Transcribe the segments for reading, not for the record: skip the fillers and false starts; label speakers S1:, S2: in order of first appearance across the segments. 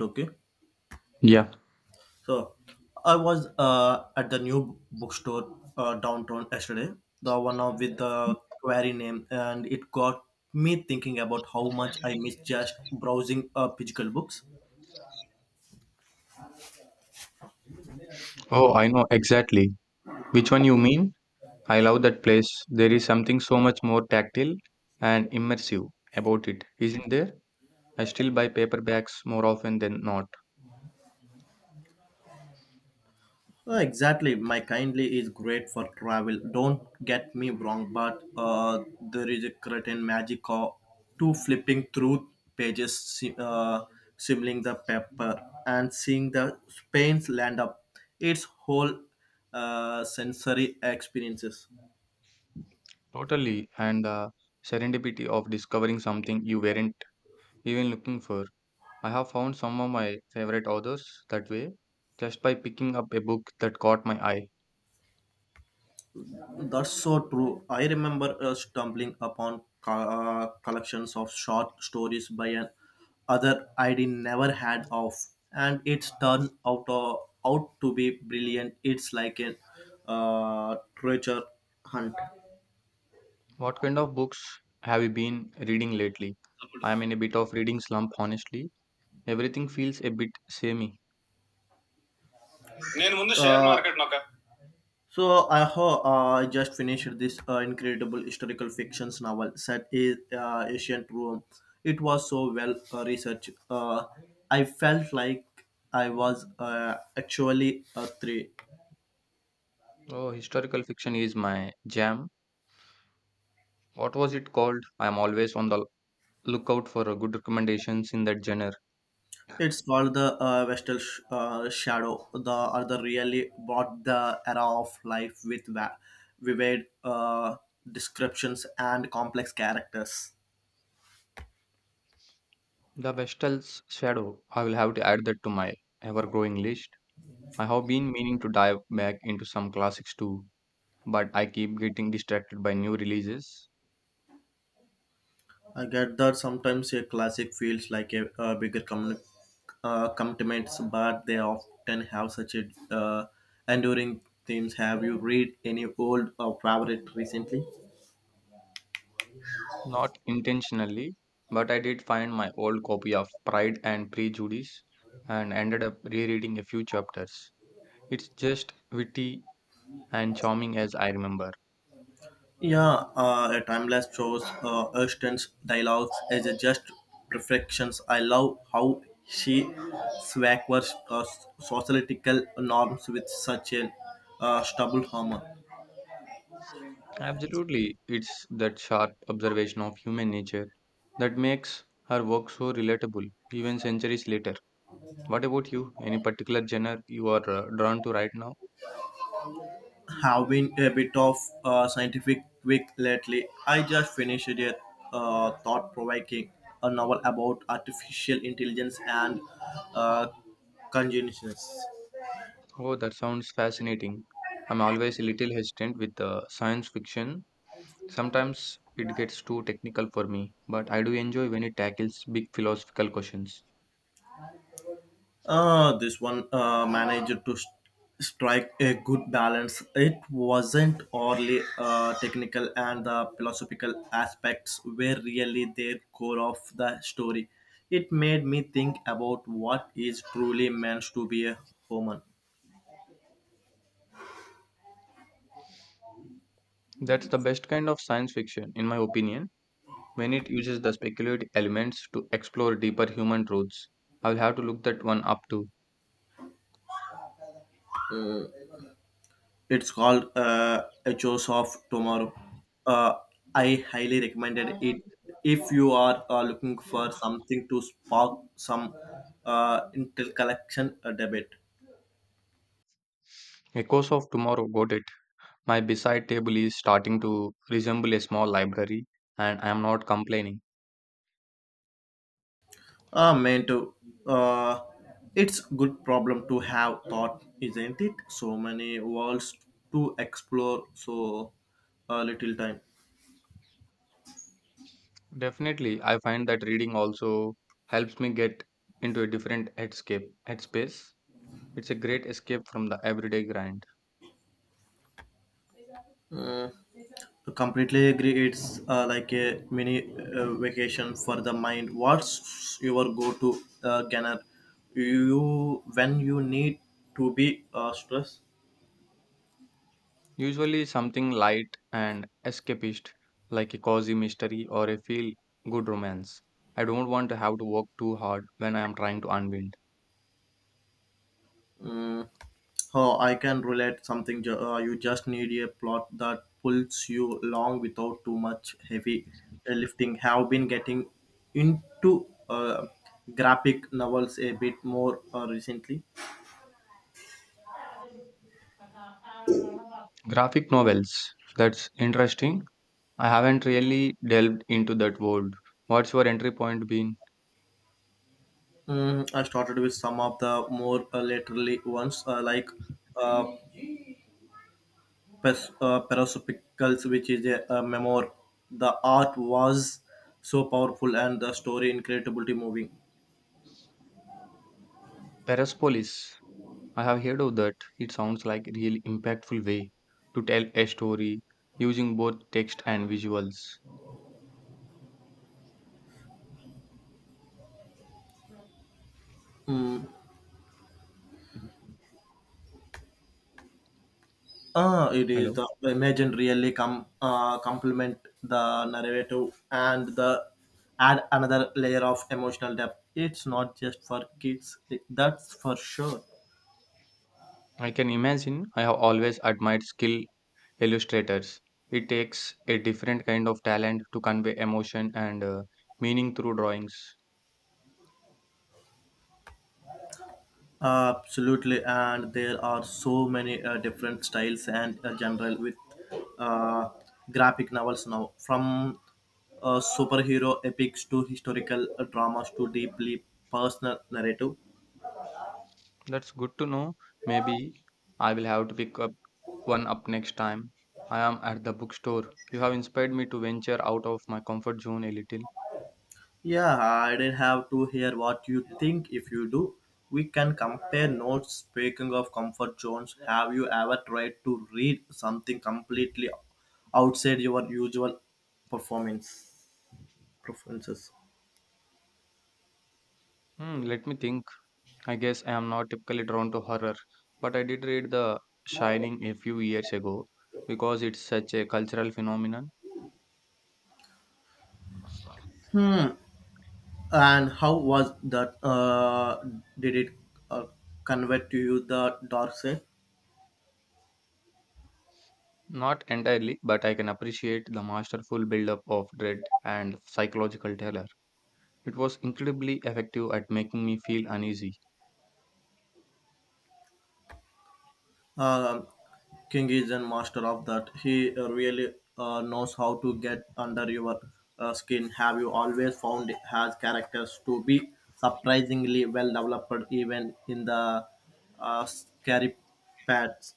S1: Okay.
S2: Yeah.
S1: So I was at the new bookstore downtown yesterday, the one of with the query name, and it got me thinking about how much I miss just browsing physical books.
S2: Oh, I know exactly which one you mean. I love that place. There is something so much more tactile and immersive about it, isn't there? I still buy paperbacks more often than not.
S1: Exactly, my kindly is great for travel. Don't get me wrong, but there is a certain magic of to flipping through pages, simmering the paper, and seeing the Spain's land up. Its whole sensory experiences.
S2: Totally. And the serendipity of discovering something you weren't even looking for. I have found some of my favorite authors that way, just by picking up a book that caught my eye.
S1: That's so true. I remember stumbling upon collections of short stories by an other I'd never had of, and it's turned out to be brilliant. It's like a uh, treasure hunt.
S2: What kind of books have you been reading lately? I am in a bit of reading slump, honestly. Everything feels a bit samey.
S1: నేను ముందు share market నొక్క So I just finished this incredible historical fictions novel set in ancient Rome. It was so well researched. I felt like I was actually a three.
S2: Oh, historical fiction is my jam. What was it called? I am always on the lookout for good recommendations in that genre.
S1: It's called the Vestal Shadow. The other really brought the era of life with vivid descriptions and complex characters.
S2: The Vestal's Shadow. I will have to add that to my ever-growing list. I have been meaning to dive back into some classics too, but I keep getting distracted by new releases.
S1: I get that sometimes a classic feels like a bigger commitments, but they often have such a enduring themes. Have you read any old favorite recently?
S2: Not intentionally, but I did find my old copy of Pride and Prejudice and ended up rereading a few chapters. It's just witty and charming as I remember.
S1: Yeah, a timeless shows, Ashton's dialogues as a just reflections. I love how she swaggers societal norms with such a stubble humor.
S2: Absolutely. It's that sharp observation of human nature that makes her work so relatable, even centuries later. What about you? Any particular genre you are drawn to right now?
S1: Have been a bit of a scientific week lately. I just finished a thought-provoking a novel about artificial intelligence and uh, consciousness.
S2: Oh, that sounds fascinating. I'm always a little hesitant with science fiction. Sometimes it gets too technical for me, but I do enjoy when it tackles big philosophical questions.
S1: This one managed to strike a good balance. It wasn't only technical and the philosophical aspects were really their core of the story. It made me think about what is truly meant to be a human.
S2: That's the best kind of science fiction, in my opinion. When it uses the speculative elements to explore deeper human truths. I'll have to look that one up too.
S1: It's called Echoes of Tomorrow. Uh, I highly recommended it if you are looking for something to spark some intercollection debate.
S2: Echoes of Tomorrow, got it. My beside table is starting to resemble a small library, and I am not complaining.
S1: Ah, man, too. Uh, it's good problem to have thought, isn't it? So many worlds to explore, so little time.
S2: Definitely, I find that reading also helps me get into a different headscape, headspace. It's a great escape from the everyday grind.
S1: Mm. Completely agree. It's like a mini vacation for the mind. What's your go-to ganner? You when you need to be stressed.
S2: Usually something light and escapist, like a cozy mystery or a feel good romance. I don't want to have to work too hard when I am trying to unwind.
S1: Mm, oh, I can relate something. You just need a plot that pulls you along without too much heavy lifting. Have been getting into graphic novels a bit more recently.
S2: Graphic novels, that's interesting. I haven't really delved into that world. What's your entry point been?
S1: Mm, I started with some of the more laterally ones like uh, Parasopicals, which is a memoir. The art was so powerful and the story incredibly moving.
S2: Persepolis. I have heard of that. It sounds like a really impactful way to tell a story using both text and visuals.
S1: Mm. Ah, it is
S2: Hello.
S1: the imagine really complement the narrative and the add another layer of emotional depth. It's not just for kids, that's for sure.
S2: I can imagine I have always admired skill illustrators. It takes a different kind of talent to convey emotion and meaning through drawings.
S1: Absolutely, and there are so many different styles and general with uh, graphic novels now, from superhero epics to historical dramas to deeply personal narrative.
S2: That's good to know. Maybe I will have to pick up one up next time. I am at the bookstore. You have inspired me to venture out of my comfort zone a little.
S1: Yeah, I didn't have to hear what you think. If you do, we can compare notes. Speaking of comfort zones, have you ever tried to read something completely outside your usual performance preferences?
S2: Hmm, let me think. I guess I am not typically drawn to horror, but I did read The Shining a few years ago because it's such a cultural phenomenon.
S1: Hmm. And how was that? Did it uh, convey to you the dark side?
S2: Not entirely, but I can appreciate the masterful build-up of dread and psychological terror. It was incredibly effective at making me feel uneasy.
S1: Um, King is a master of that. He really knows how to get under your skin. Have you always found has characters to be surprisingly well developed, even in the scary parts?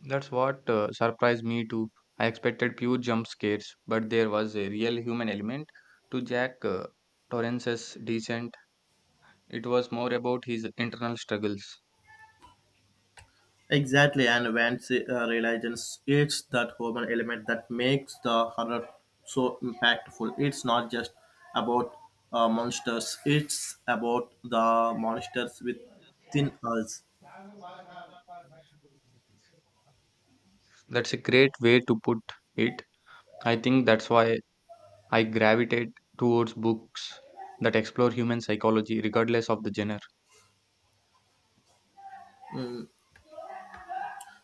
S2: That's what surprised me too. I expected pure jump scares, but there was a real human element to Jack Torrance's descent. It was more about his internal struggles.
S1: Exactly, and when she realizes it's that human element that makes the horror so impactful. It's not just about monsters; it's about the monsters within us.
S2: That's a great way to put it. I think that's why I gravitate towards books that explore human psychology regardless of the genre.
S1: Mm,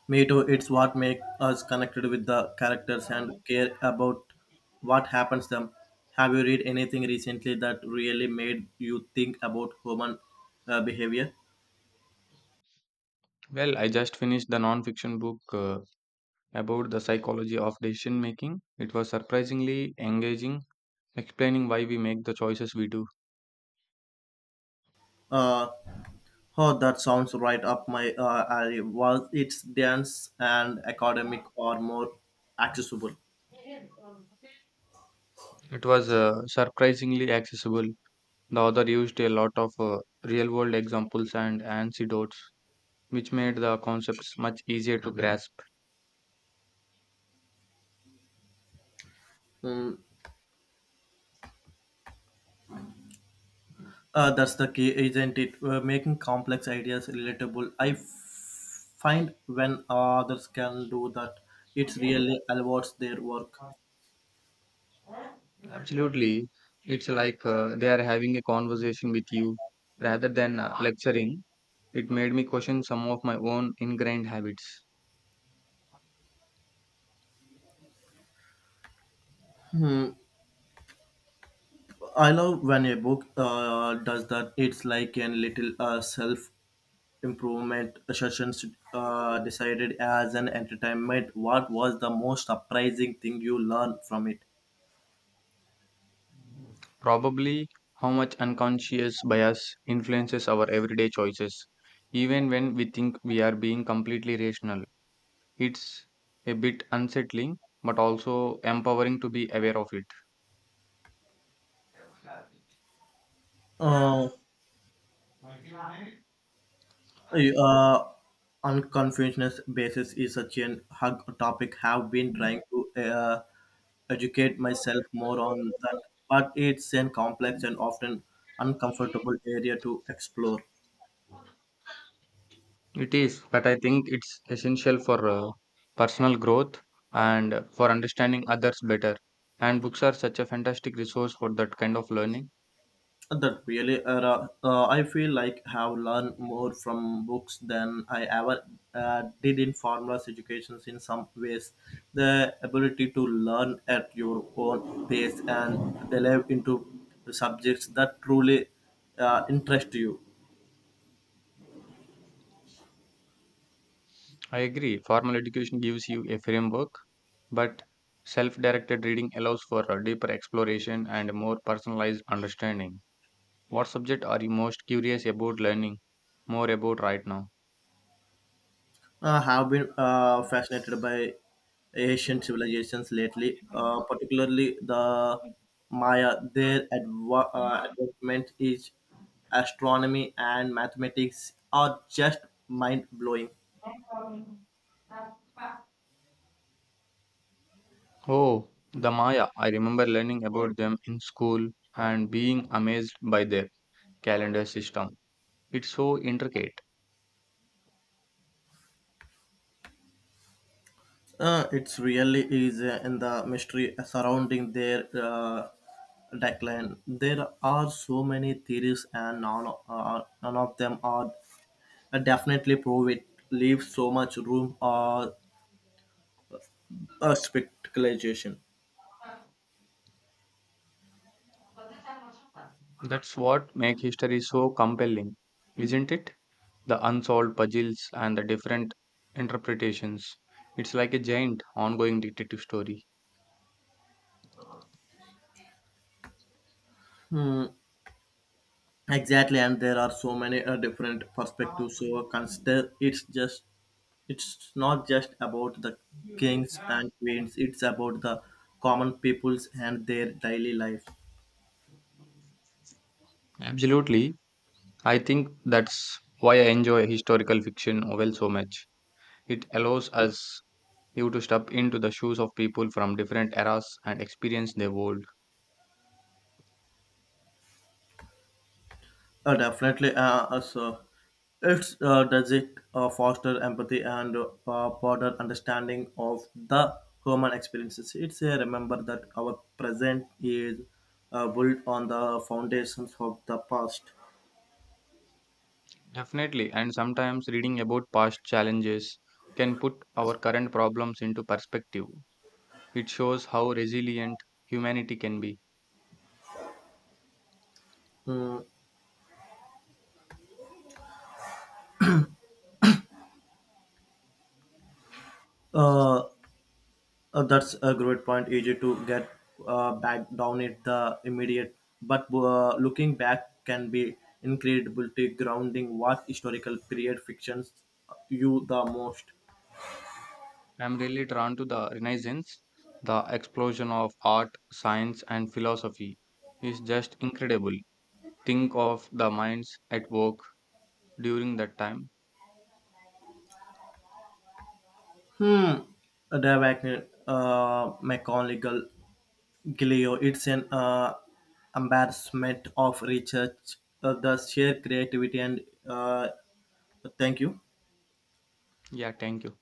S1: me too. It's what makes us connected with the characters and care about what happens to them. Have you read anything recently that really made you think about human behavior?
S2: Well, I just finished the non-fiction book about the psychology of decision making. It was surprisingly engaging, explaining why we make the choices we do.
S1: Uh, Oh, that sounds right up my alley. Was it's dense and academic or more accessible?
S2: It was surprisingly accessible. The author used a lot of real-world examples and anecdotes, which made the concepts much easier to grasp.
S1: Mm, that's the key, isn't it? We're making complex ideas relatable. Find when others can do that, it's really elevates their work.
S2: Absolutely, it's like they are having a conversation with you rather than lecturing. It made me question some of my own ingrained habits.
S1: Hmm. I love when a book does that. It's like a little self improvement sessions decided as an entertainment. What was the most surprising thing you learned from it?
S2: Probably how much unconscious bias influences our everyday choices, even when we think we are being completely rational. It's a bit unsettling, but also empowering to be aware of it.
S1: uh, uh, Unconfusedness basis is such an hug topic. Have been trying to uh, educate myself more on that, but it's a complex and often uncomfortable area to explore.
S2: It is, but I think it's essential for personal growth and for understanding others better. And books are such a fantastic resource for that kind of learning.
S1: That really, I feel like have learned more from books than I ever did in formal educations. In some ways, the ability to learn at your own pace and delve into subjects that truly interest you.
S2: I agree, formal education gives you a framework, but self directed reading allows for a deeper exploration and a more personalized understanding. What subject are you most curious about learning more about right now?
S1: I have been fascinated by Asian civilizations lately, particularly the Maya. Their advancement in astronomy and mathematics are just mind blowing.
S2: Oh, the Maya. I remember learning about them in school and being amazed by their calendar system. It's so intricate.
S1: It's really is in the mystery surrounding their decline. There are so many theories, and none of them are definitely prove it. Leave so much room spectacularization.
S2: That's what makes history so compelling, isn't it? The unsolved puzzles and the different interpretations. It's like a giant ongoing detective story.
S1: Mm, exactly, and there are so many different perspectives. So consider it's not just about the kings and queens. It's about the common peoples and their daily life.
S2: Absolutely. I think that's why I enjoy historical fiction novel so much. It allows us you to step into the shoes of people from different eras and experience their world.
S1: Definitely, so it's does it foster empathy and broader understanding of the human experiences. It's a remember that our present is built on the foundations of the past.
S2: Definitely, and sometimes reading about past challenges can put our current problems into perspective. It shows how resilient humanity can be.
S1: Mm, Uh, that's a great point. Easy to get back down at the immediate, but looking back can be incredibly grounding. What historical period fictions you the most?
S2: I'm really drawn to the Renaissance. The explosion of art, science, and philosophy is just incredible. Think of the minds at work during that time.
S1: Hmm. The Wagner, McGonagall, Gileo. It's an embarrassment of research. The sheer creativity and uh, thank you.
S2: Yeah, thank you.